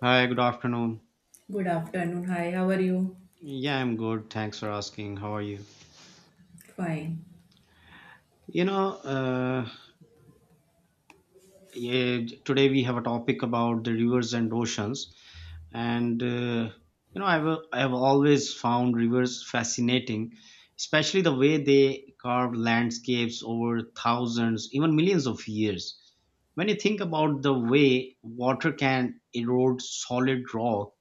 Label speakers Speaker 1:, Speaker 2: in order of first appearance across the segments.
Speaker 1: Hi, good afternoon.
Speaker 2: Good afternoon. Hi, how are you?
Speaker 1: Yeah, I'm good. Thanks for asking. How are you?
Speaker 2: Fine.
Speaker 1: You know, uh, yeah, today we have a topic about the rivers and oceans, and uh, I've always found rivers fascinating, especially the way they carve landscapes over thousands, even millions of years. When you think about the way water can erode solid rock,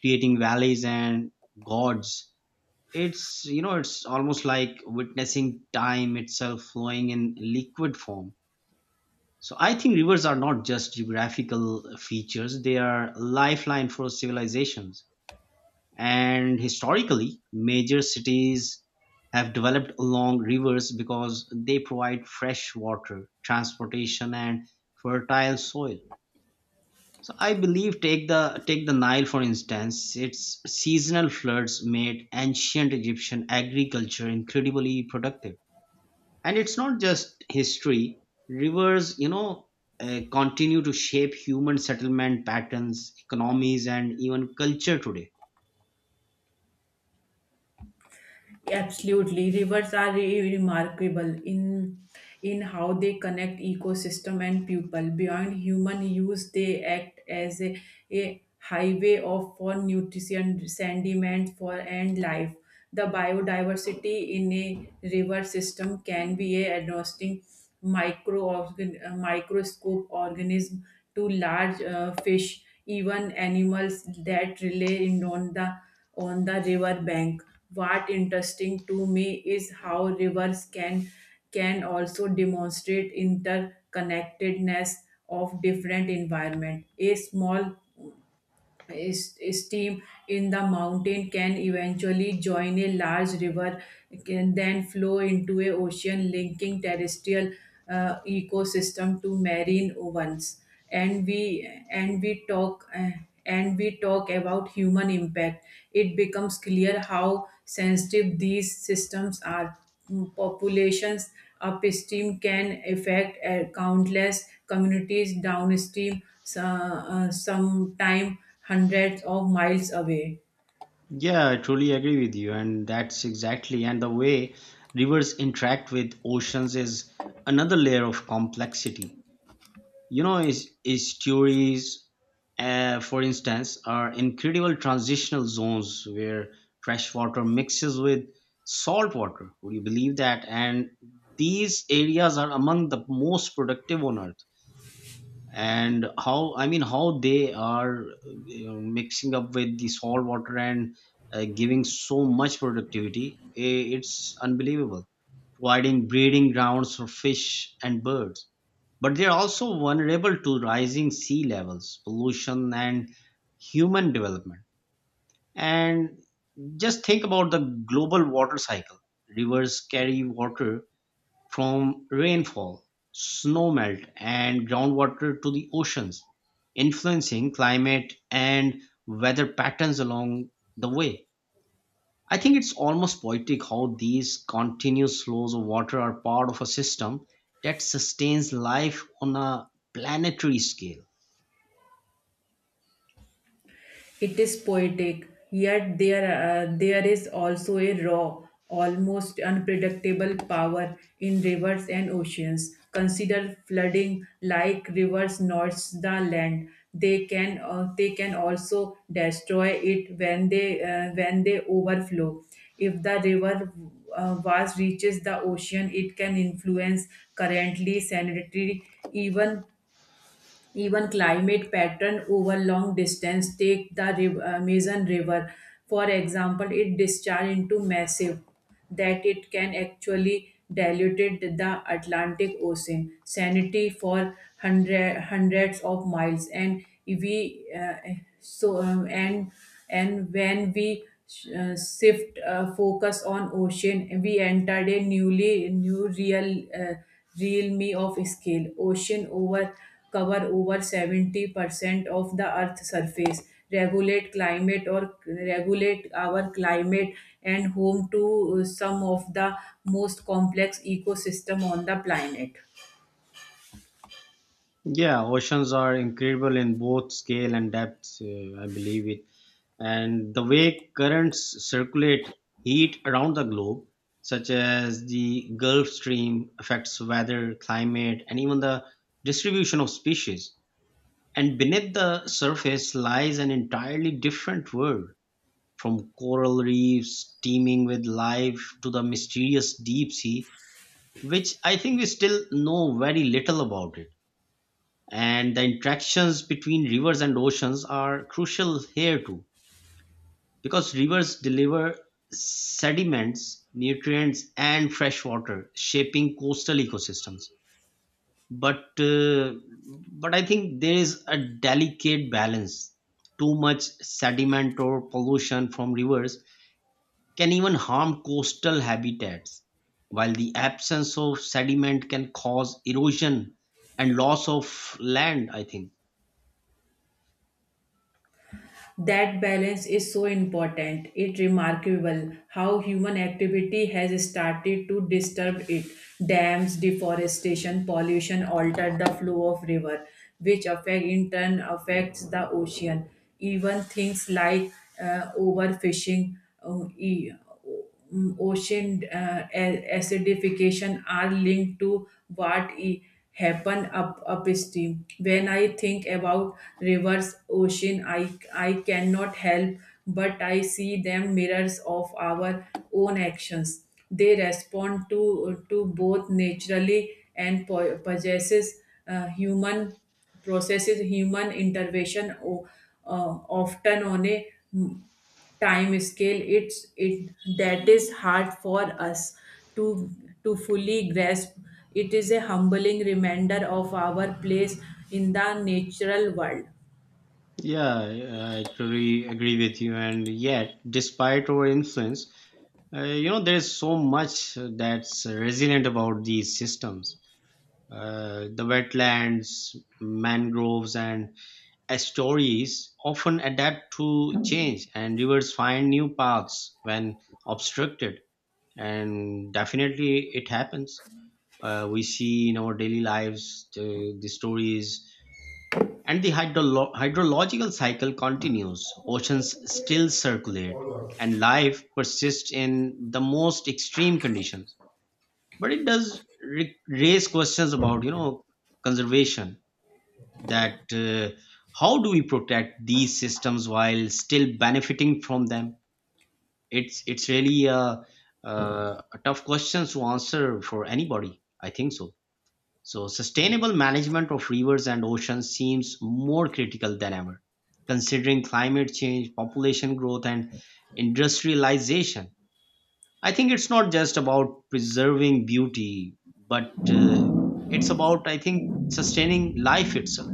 Speaker 1: creating valleys and gorges. It's almost like witnessing time itself flowing in liquid form. So I think rivers are not just geographical features, they are lifeline for civilizations. And historically, major cities have developed along rivers because they provide fresh water, transportation, and fertile soil. So I believe take the Nile for instance, its seasonal floods made ancient Egyptian agriculture incredibly productive. And it's not just history. Rivers, continue to shape human settlement patterns, economies, and even culture today.
Speaker 2: Absolutely. Rivers are remarkable in how they connect ecosystem and people. Beyond human use, they act as a highway of for nutrition, sediment for and life. The biodiversity in a river system can be a adjusting microscope organism to large fish, even animals that rely on the river bank. What interesting to me is how rivers can also demonstrate interconnectedness of different environment. A small is- stream in the mountain can eventually join a large river, can then flow into a ocean, linking terrestrial ecosystem to marine ones. And we and we talk uh, and we talk about human impact, it becomes clear how sensitive these systems are. Populations upstream can affect countless communities downstream, so, sometime hundreds of miles away.
Speaker 1: Yeah, I truly agree with you, and that's exactly and the way rivers interact with oceans is another layer of complexity. His stories, for instance, are incredible transitional zones where fresh water mixes with salt water. Would you believe that? And these areas are among the most productive on earth. And how, I mean, how they are, mixing up with the salt water and giving so much productivity, it's unbelievable, providing breeding grounds for fish and birds. But they are also vulnerable to rising sea levels, pollution, and human development. And just think about the global water cycle. Rivers carry water from rainfall, snow melt, and groundwater to the oceans, influencing climate and weather patterns along the way. I think it's almost poetic how these continuous flows of water are part of a system that sustains life on a planetary scale.
Speaker 2: It is poetic, yet there is also a raw, almost unpredictable power in rivers and oceans. Consider flooding, like rivers nourish the land. They can also destroy it when they overflow. If the river vast reaches the ocean, it can influence currently sanitary, even climate pattern over long distance. Take the amazon river, for example. It discharge into massive that it can actually diluted the atlantic ocean sanity for hundreds of miles. And when we shift focus on ocean, we entered a new real me of scale. Ocean over cover over 70% of the earth's surface, regulate climate, or regulate our climate, and home to some of the most complex ecosystem on the planet.
Speaker 1: Yeah, oceans are incredible in both scale and depth, I believe it. And the way currents circulate heat around the globe, such as the Gulf Stream, affects weather, climate, and even the distribution of species. And beneath the surface lies an entirely different world, from coral reefs teeming with life to the mysterious deep sea, which I think we still know very little about it. And the interactions between rivers and oceans are crucial here too, because rivers deliver sediments, nutrients, and fresh water, shaping coastal ecosystems. But uh, but I think there is a delicate balance. Too much sediment or pollution from rivers can even harm coastal habitats, while the absence of sediment can cause erosion and loss of land, I think.
Speaker 2: That balance is so important. It's remarkable how human activity has started to disturb it. Dams, deforestation, pollution alter the flow of river, which affect in turn affects the ocean. Even things like overfishing, uh, e- ocean acidification are linked to what e- happen up upstream. When I think about rivers, ocean, I cannot help but I see them mirrors of our own actions. They respond to both naturally and po- possesses human processes human intervention, uh, often on a mm, time scale it's it that is hard for us to to fully grasp. It is a humbling reminder of our place in the natural world.
Speaker 1: Yeah, I totally agree with you. And yet, despite our influence, there's so much that's resilient about these systems. The wetlands, mangroves, and estuaries often adapt to change, and rivers find new paths when obstructed. And definitely it happens, we see in our daily lives the stories, and the hydrological cycle continues, oceans still circulate and life persists in the most extreme conditions, but it does raise questions about, conservation. That How do we protect these systems while still benefiting from them? It's really a tough question to answer for anybody. I think so. So sustainable management of rivers and oceans seems more critical than ever, considering climate change, population growth, and industrialization. I think it's not just about preserving beauty, but it's about, I think, sustaining life itself.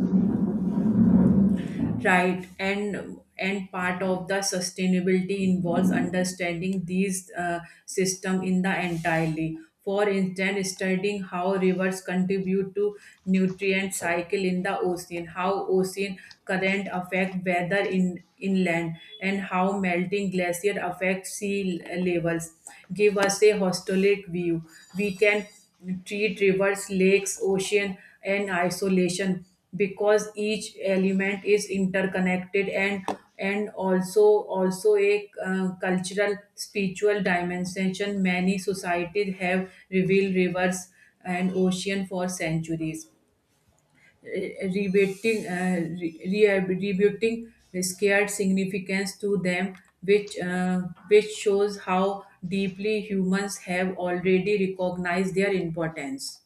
Speaker 2: Right, and part of the sustainability involves understanding these system in the entirely. For instance, studying how rivers contribute to nutrient cycle in the ocean, how ocean current affect weather in inland, and how melting glacier affect sea levels give us a holistic view. We can treat rivers, lakes, ocean, and isolation, because each element is interconnected. And also a cultural spiritual dimension. Many societies have revealed rivers and ocean for centuries, rebating, uh, re- rebuting scared significance to them, which uh, which shows how deeply humans have already recognized their importance.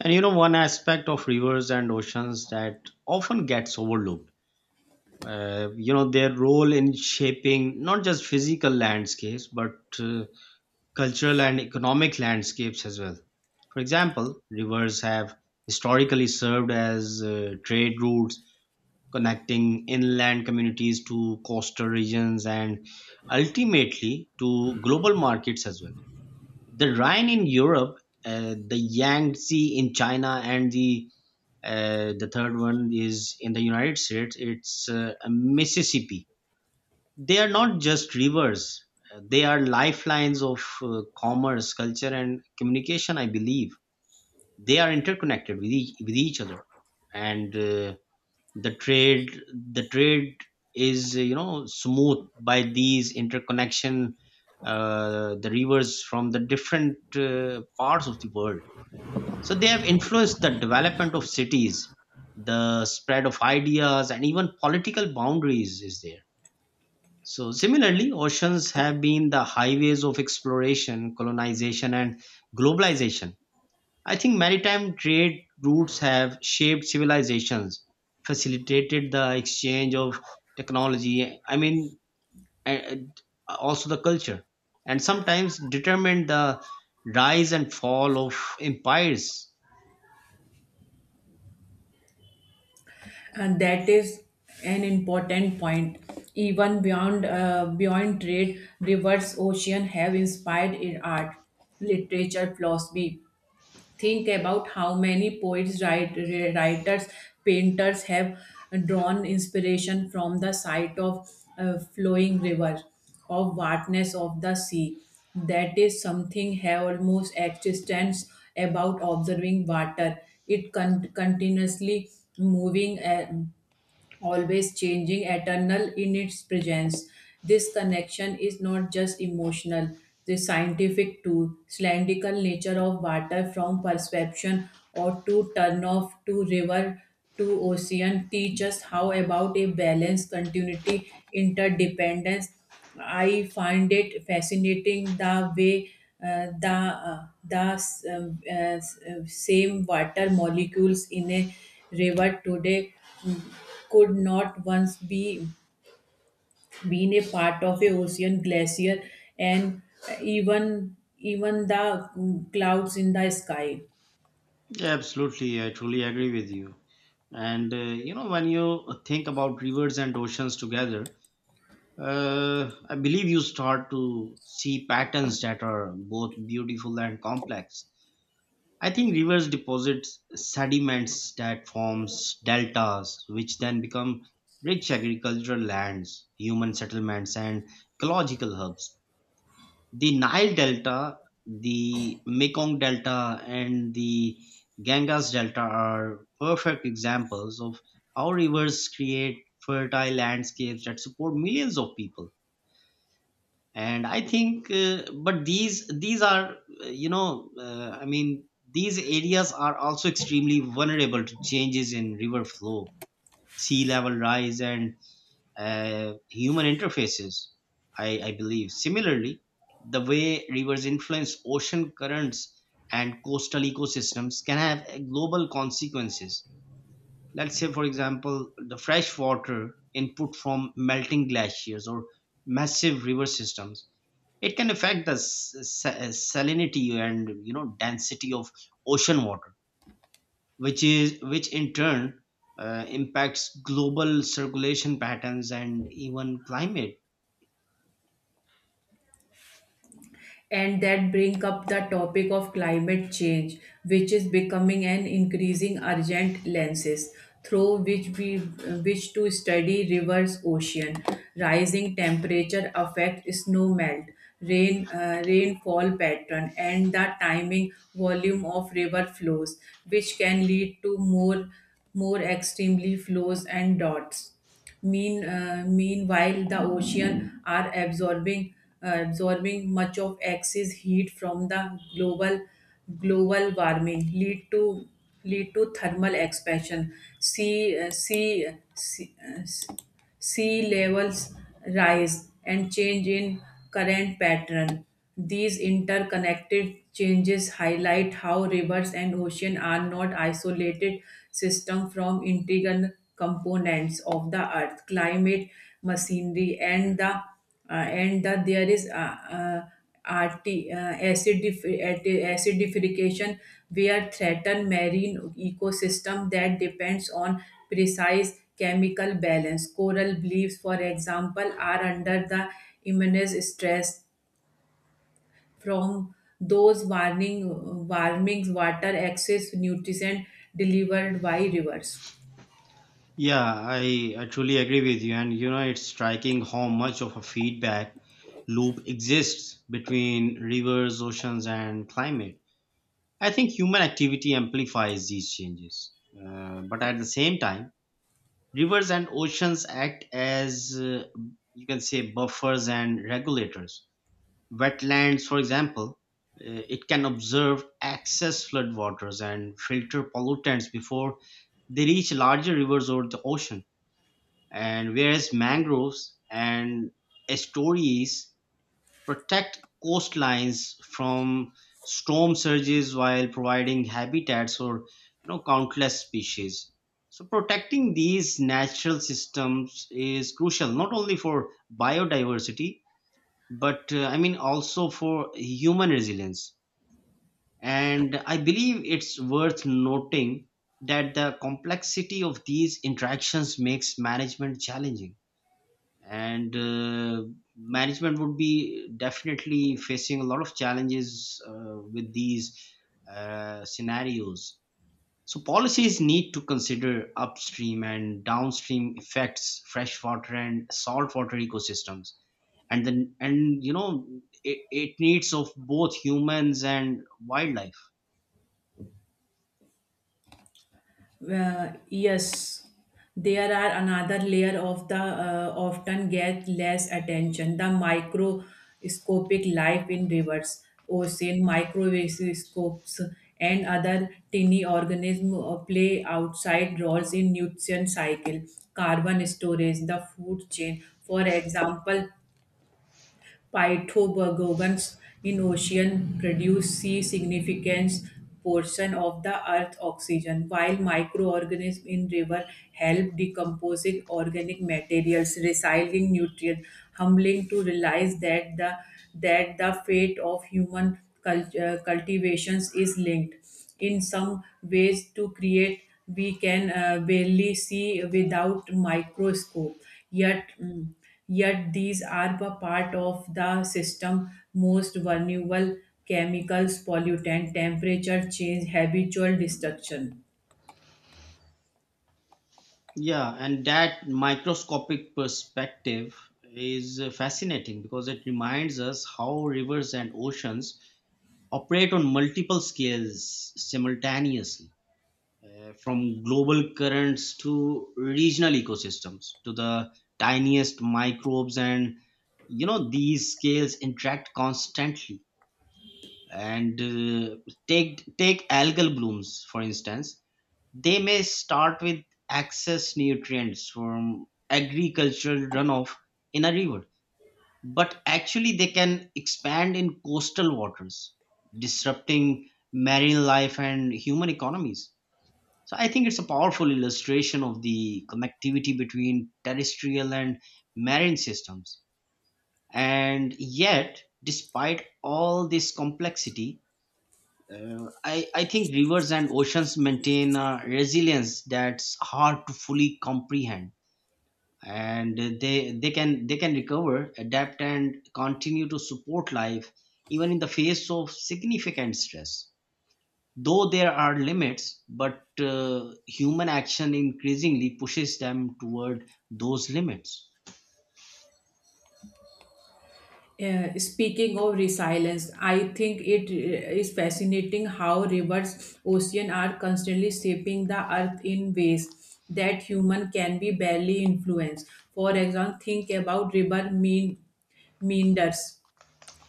Speaker 1: And you know, one aspect of rivers and oceans that often gets overlooked, their role in shaping not just physical landscapes but, cultural and economic landscapes as well. For example, rivers have historically served as trade routes, connecting inland communities to coastal regions and ultimately to global markets as well. The Rhine in Europe, the Yangtze in China, and the, the third one is in the United States, it's, Mississippi. They are not just rivers, they are lifelines of commerce, culture, and communication, I believe. They are interconnected with each other. And The trade is, smooth by these interconnection, the rivers from the different parts of the world. So they have influenced the development of cities, the spread of ideas, and even political boundaries is there. So, similarly, oceans have been the highways of exploration, colonization, and globalization. I think maritime trade routes have shaped civilizations, facilitated the exchange of technology, I mean, and also the culture, and sometimes determined the rise and fall of empires.
Speaker 2: And that is an important point. Even beyond trade, rivers, ocean have inspired in art, literature, philosophy. Think about how many writers, painters have drawn inspiration from the sight of a flowing river, of vastness of the sea. That is something have almost existence about observing water. Continuously moving. Always changing, eternal in its presence. This connection is not just emotional, the scientific too. Cylindrical nature of water from perception or to turn off to river to ocean teach us how about a balance, continuity, interdependence. I find it fascinating the way uh, the uh, the same water molecules in a river today could not once be been a part of a ocean glacier, and even the clouds in the sky.
Speaker 1: Yeah, absolutely. I truly agree with you. When you think about rivers and oceans together, I believe you start to see patterns that are both beautiful and complex. I think rivers deposit sediments that forms deltas, which then become rich agricultural lands, human settlements, and ecological hubs. The Nile Delta, the Mekong Delta, and the Ganges Delta are perfect examples of how rivers create fertile landscapes that support millions of people. And I think, but these are, I mean, these areas are also extremely vulnerable to changes in river flow, sea level rise, and human interfaces. I believe similarly the way rivers influence ocean currents and coastal ecosystems can have global consequences. Let's say, for example, the fresh water input from melting glaciers or massive river systems, it can affect the salinity and, you know, density of ocean water, which in turn impacts global circulation patterns and even climate.
Speaker 2: And that bring up the topic of climate change, which is becoming an increasing urgent lenses through which we which to study rivers ocean. Rising temperature affect snow melt, rainfall pattern, and the timing volume of river flows, which can lead to more extremely flows and dots. Meanwhile, the ocean are absorbing much of excess heat from the global warming, lead to thermal expansion. Sea uh, sea. see, uh, sea levels rise and change in current pattern. These interconnected changes highlight how rivers and ocean are not isolated systems from integral components of the earth, climate, machinery, and the and that there is acidification where threaten marine ecosystem that depends on precise chemical balance. Coral bleachs, for example, are under the immense stress from those warning warmings water, excess nutrients delivered by rivers.
Speaker 1: Yeah, I truly agree with you, and you know it's striking how much of a feedback loop exists between rivers, oceans, and climate. I think human activity amplifies these changes, but at the same time rivers and oceans act as, you can say, buffers and regulators. Wetlands, for example, it can observe excess floodwaters and filter pollutants before they reach larger rivers or the ocean. And whereas mangroves and estuaries protect coastlines from storm surges while providing habitats for, countless species. So protecting these natural systems is crucial not only for biodiversity but, I mean, also for human resilience. And I believe it's worth noting that the complexity of these interactions makes management challenging, and management would be definitely facing a lot of challenges with these scenarios. So policies need to consider upstream and downstream effects, freshwater and saltwater ecosystems, and you know it needs of both humans and wildlife.
Speaker 2: Well, yes, there are another layer of the often get less attention, the microscopic life in rivers, ocean, microscopes and other tiny organisms play outside roles in nutrient cycle, carbon storage, the food chain. For example, Phytobergons in ocean produce sea significant portion of the earth's oxygen, while microorganisms in river help decomposing organic materials, recycling nutrients. Humbling to realize that the fate of human cultivations is linked in some ways to create we can barely see without microscope, yet mm, yet these are a part of the system most vulnerable chemicals pollutant temperature change habitual destruction.
Speaker 1: Yeah, and that microscopic perspective is, fascinating because it reminds us how rivers and oceans operate on multiple scales simultaneously, from global currents to regional ecosystems to the tiniest microbes. And you know these scales interact constantly, and take algal blooms, for instance. They may start with excess nutrients from agricultural runoff in a river, but actually they can expand in coastal waters, disrupting marine life and human economies. So I think it's a powerful illustration of the connectivity between terrestrial and marine systems. And yet, despite all this complexity, I think rivers and oceans maintain a resilience that's hard to fully comprehend, and they can recover, adapt, and continue to support life even in the face of significant stress, though there are limits, but human action increasingly pushes them toward those limits.
Speaker 2: Yeah, speaking of resilience, I think it is fascinating how rivers, ocean are constantly shaping the earth in ways that human can be barely influence. For example, think about river mean meanders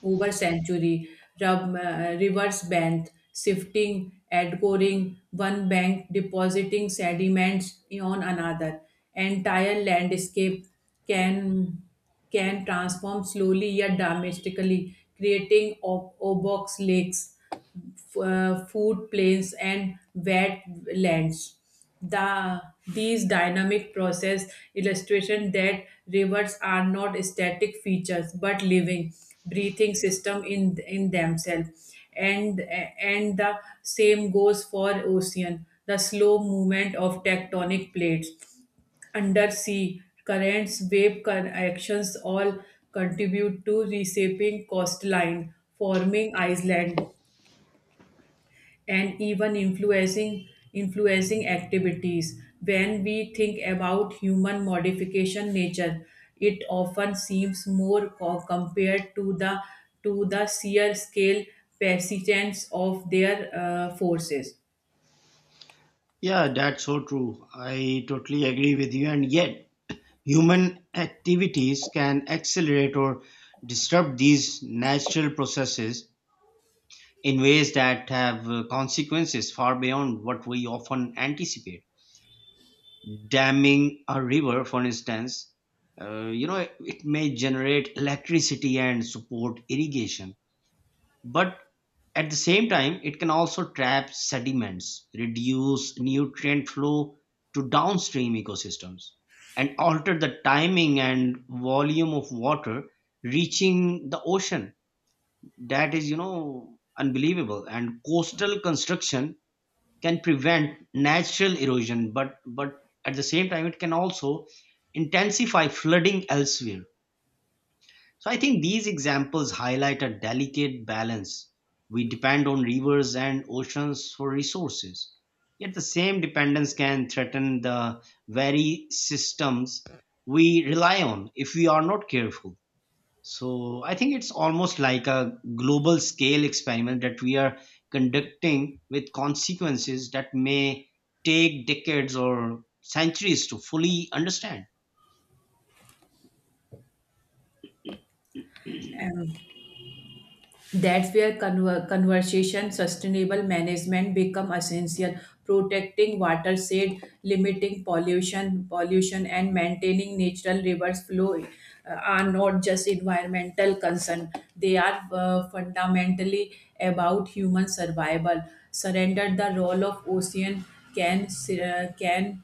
Speaker 2: Uber Century, reverse bend, shifting, outgoring, one bank depositing sediments on another. Entire landscape can transform slowly yet domestically, creating obox lakes, food plains and wetlands. The these dynamic process illustration that rivers are not static features but living, breathing system in themselves, and the same goes for ocean. The slow movement of tectonic plates, undersea currents, actions all contribute to reshaping coastline, forming island, and even influencing activities. When we think about human modification nature, it often seems more compared to the sheer scale persistence of their forces.
Speaker 1: Yeah, that's so true, I totally agree with you. And yet human activities can accelerate or disrupt these natural processes in ways that have consequences far beyond what we often anticipate. Damming a river, for instance, it may generate electricity and support irrigation. But at the same time, it can also trap sediments, reduce nutrient flow to downstream ecosystems, and alter the timing and volume of water reaching the ocean. That is, you know, unbelievable. And coastal construction can prevent natural erosion, but at the same time it can also intensify flooding elsewhere. So I think these examples highlight a delicate balance. We depend on rivers and oceans for resources. Yet the same dependence can threaten the very systems we rely on if we are not careful. So I think it's almost like a global scale experiment that we are conducting with consequences that may take decades or centuries to fully understand.
Speaker 2: That's where conversation sustainable management become essential. Protecting watershed, limiting pollution, and maintaining natural rivers flow are not just environmental concern. They are fundamentally about human survival. Surrender the role of ocean can uh, can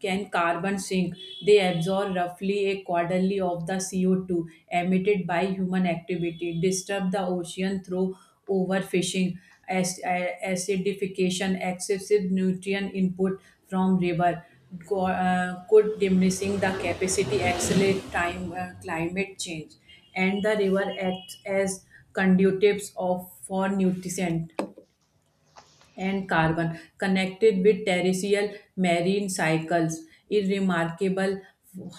Speaker 2: can carbon sink. They absorb roughly a quarterly of the CO2 emitted by human activity, disturb the ocean through overfishing, acidification, excessive nutrient input from river, could diminishing the capacity, accelerate time, climate change, and the river acts as conduits of for nutrition and carbon connected with terrestrial marine cycles. It's remarkable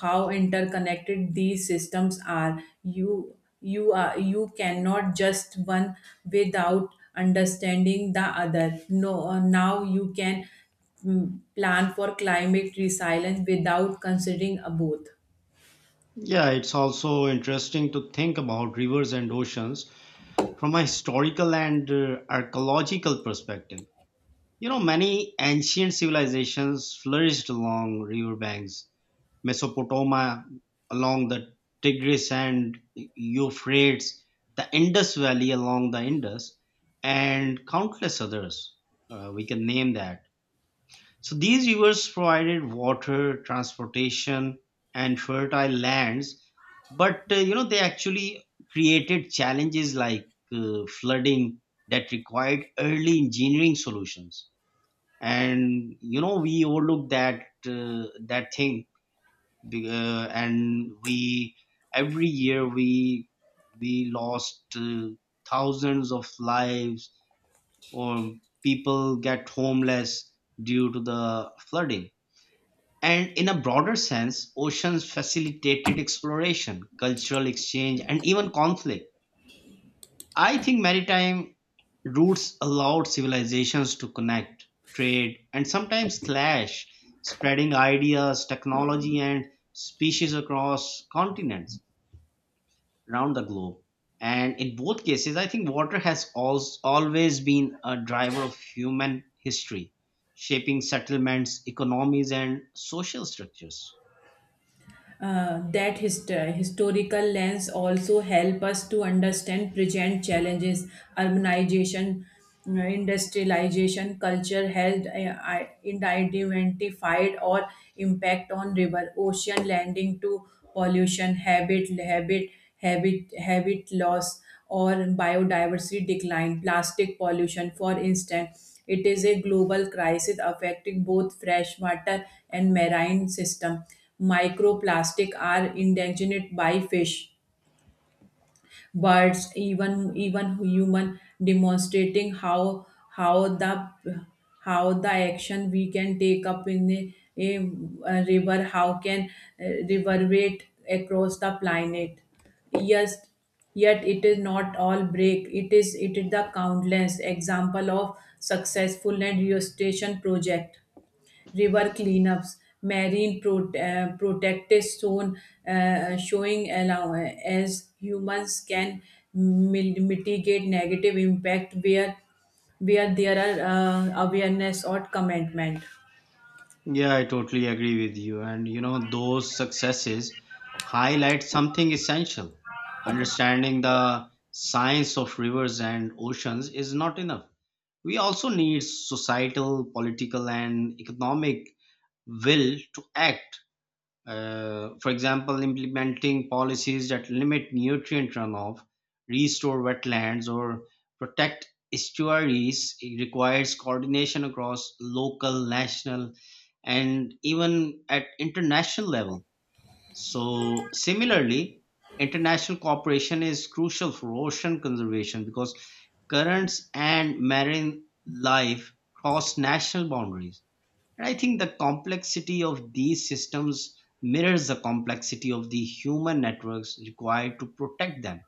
Speaker 2: how interconnected these systems are. You are you cannot just one without understanding the other. No, now you can plan for climate resilience without considering both.
Speaker 1: Yeah, it's also interesting to think about rivers and oceans from a historical and, archaeological perspective. You know, many ancient civilizations flourished along riverbanks: Mesopotamia, along the Tigris and Euphrates, the Indus Valley along the Indus, and countless others. We can name that. So these rivers provided water, transportation, and fertile lands, but, you know, they actually created challenges like, flooding, that required early engineering solutions. And you know we overlooked that that thing be- and we every year we lost thousands of lives or people get homeless due to the flooding. And in a broader sense, oceans facilitated exploration, cultural exchange, and even conflict. I think maritime routes allowed civilizations to connect, trade, and sometimes clash, spreading ideas, technology, and species across continents around the globe. And in both cases, I think water has always been a driver of human history, shaping settlements, economies, and social structures.
Speaker 2: That historical lens also help us to understand present challenges: urbanization, industrialization, culture health, identified or impact on river ocean, landing to pollution, habit loss, or biodiversity decline. Plastic pollution, for instance, it is a global crisis affecting both freshwater and marine system. Microplastic are endangered by fish, birds, even human, demonstrating how the action we can take up in a river, how can uh, reverberate across the planet. Yes, yet it is not all break. It is the countless example of successful and restoration project, river cleanups, marine protected zone, showing as humans can mitigate negative impact where there are awareness or commitment.
Speaker 1: Yeah, I totally agree with you. And you know, those successes highlight something essential. Understanding the science of rivers and oceans is not enough. We also need societal, political, and economic will to act. For example, implementing policies that limit nutrient runoff, restore wetlands, or protect estuaries, it requires coordination across local, national, and even at international level. So, similarly, international cooperation is crucial for ocean conservation because currents and marine life cross national boundaries, and I think the complexity of these systems mirrors the complexity of the human networks required to protect them.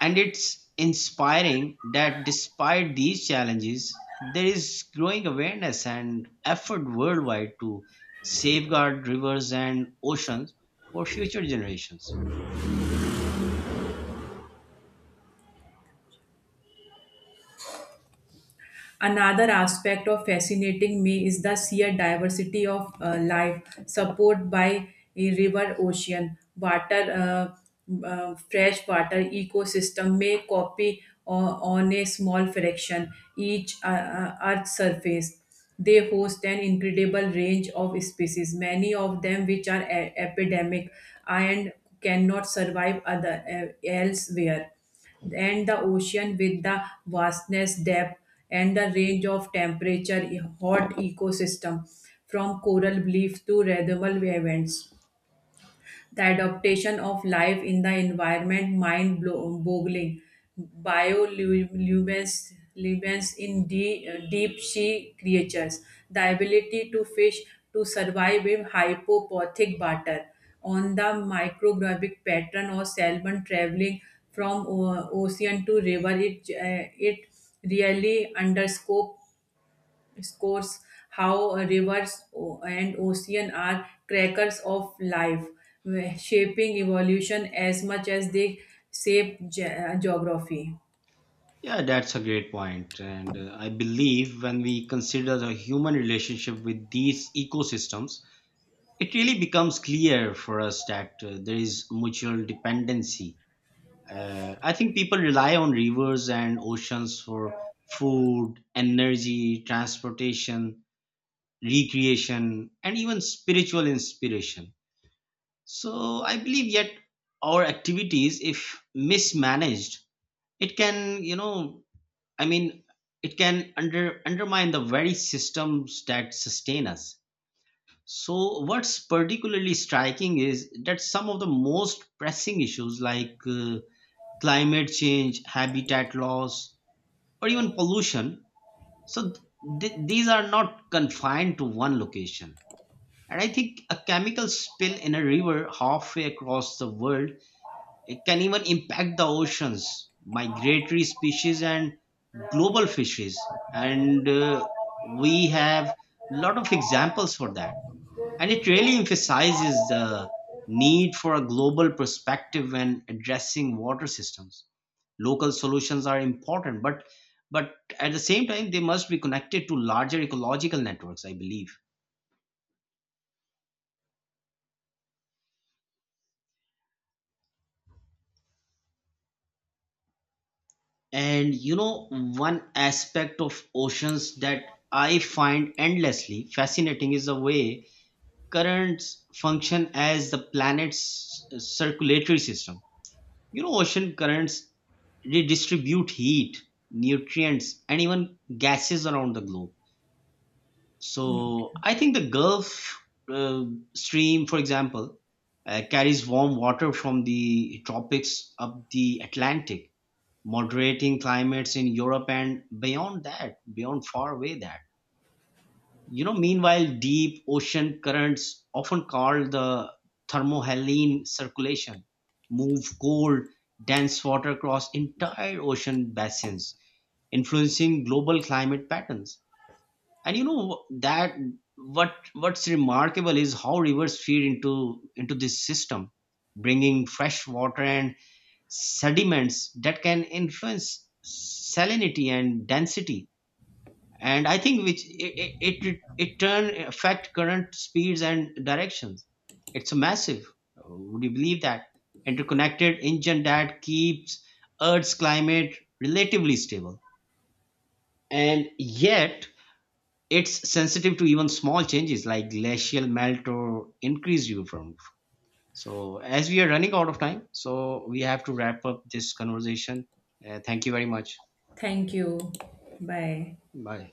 Speaker 1: And it's inspiring that despite these challenges, there is growing awareness and effort worldwide to safeguard rivers and oceans for future generations.
Speaker 2: Another aspect of fascinating me is the sheer diversity of life supported by a river, ocean, water, fresh water ecosystem may copy o- on a small fraction each Earth surface. They host an incredible range of species, many of them which are epidemic, and cannot survive other, elsewhere. And the ocean, with the vastness depth and the range of temperature, hot ecosystem, from coral bleef to radial events, the adaptation of life in the environment mind boggling. Bioluminescence in deep sea creatures, the ability to fish to survive in hypopothic water, on the micrographic pattern, or salmon traveling from ocean to river, it really underscores scores how rivers and ocean are crackers of life, shaping evolution as much as they shape geography.
Speaker 1: Yeah, that's a great point. And I believe when we consider the human relationship with these ecosystems, it really becomes clear for us that there is mutual dependency. I think people rely on rivers and oceans for food, energy, transportation, recreation, and even spiritual inspiration. So I believe yet our activities, if mismanaged, it can, you know, I mean, it can undermine the very systems that sustain us. So, what's particularly striking is that some of the most pressing issues like climate change, habitat loss, or even pollution, so these are not confined to one location. And I think a chemical spill in a river halfway across the world, it can even impact the oceans, migratory species, and global fisheries. And we have a lot of examples for that, and it really emphasizes the need for a global perspective when addressing water systems. Local solutions are important, but at the same time they must be connected to larger ecological networks, I believe. And you know, one aspect of oceans that I find endlessly fascinating is the way currents function as the planet's circulatory system. You know, ocean currents redistribute heat, nutrients, and even gases around the globe.
Speaker 2: Okay.
Speaker 1: So I think the Gulf uh, Stream, for example, carries warm water from the tropics up the Atlantic, moderating climates in Europe and beyond that, beyond far away that. You know, meanwhile, deep ocean currents, often called the thermohaline circulation, move cold, dense water across entire ocean basins, influencing global climate patterns. And you know that what's remarkable is how rivers feed into this system, bringing fresh water and sediments that can influence salinity and density, and I think which it turn affect current speeds and directions. It's massive. Would you believe that interconnected engine that keeps earth's climate relatively stable, and yet it's sensitive to even small changes like glacial melt or increased UV from. So as we are running out of time, so we have to wrap up this conversation. Thank you very much.
Speaker 2: Thank you. Bye.
Speaker 1: Bye.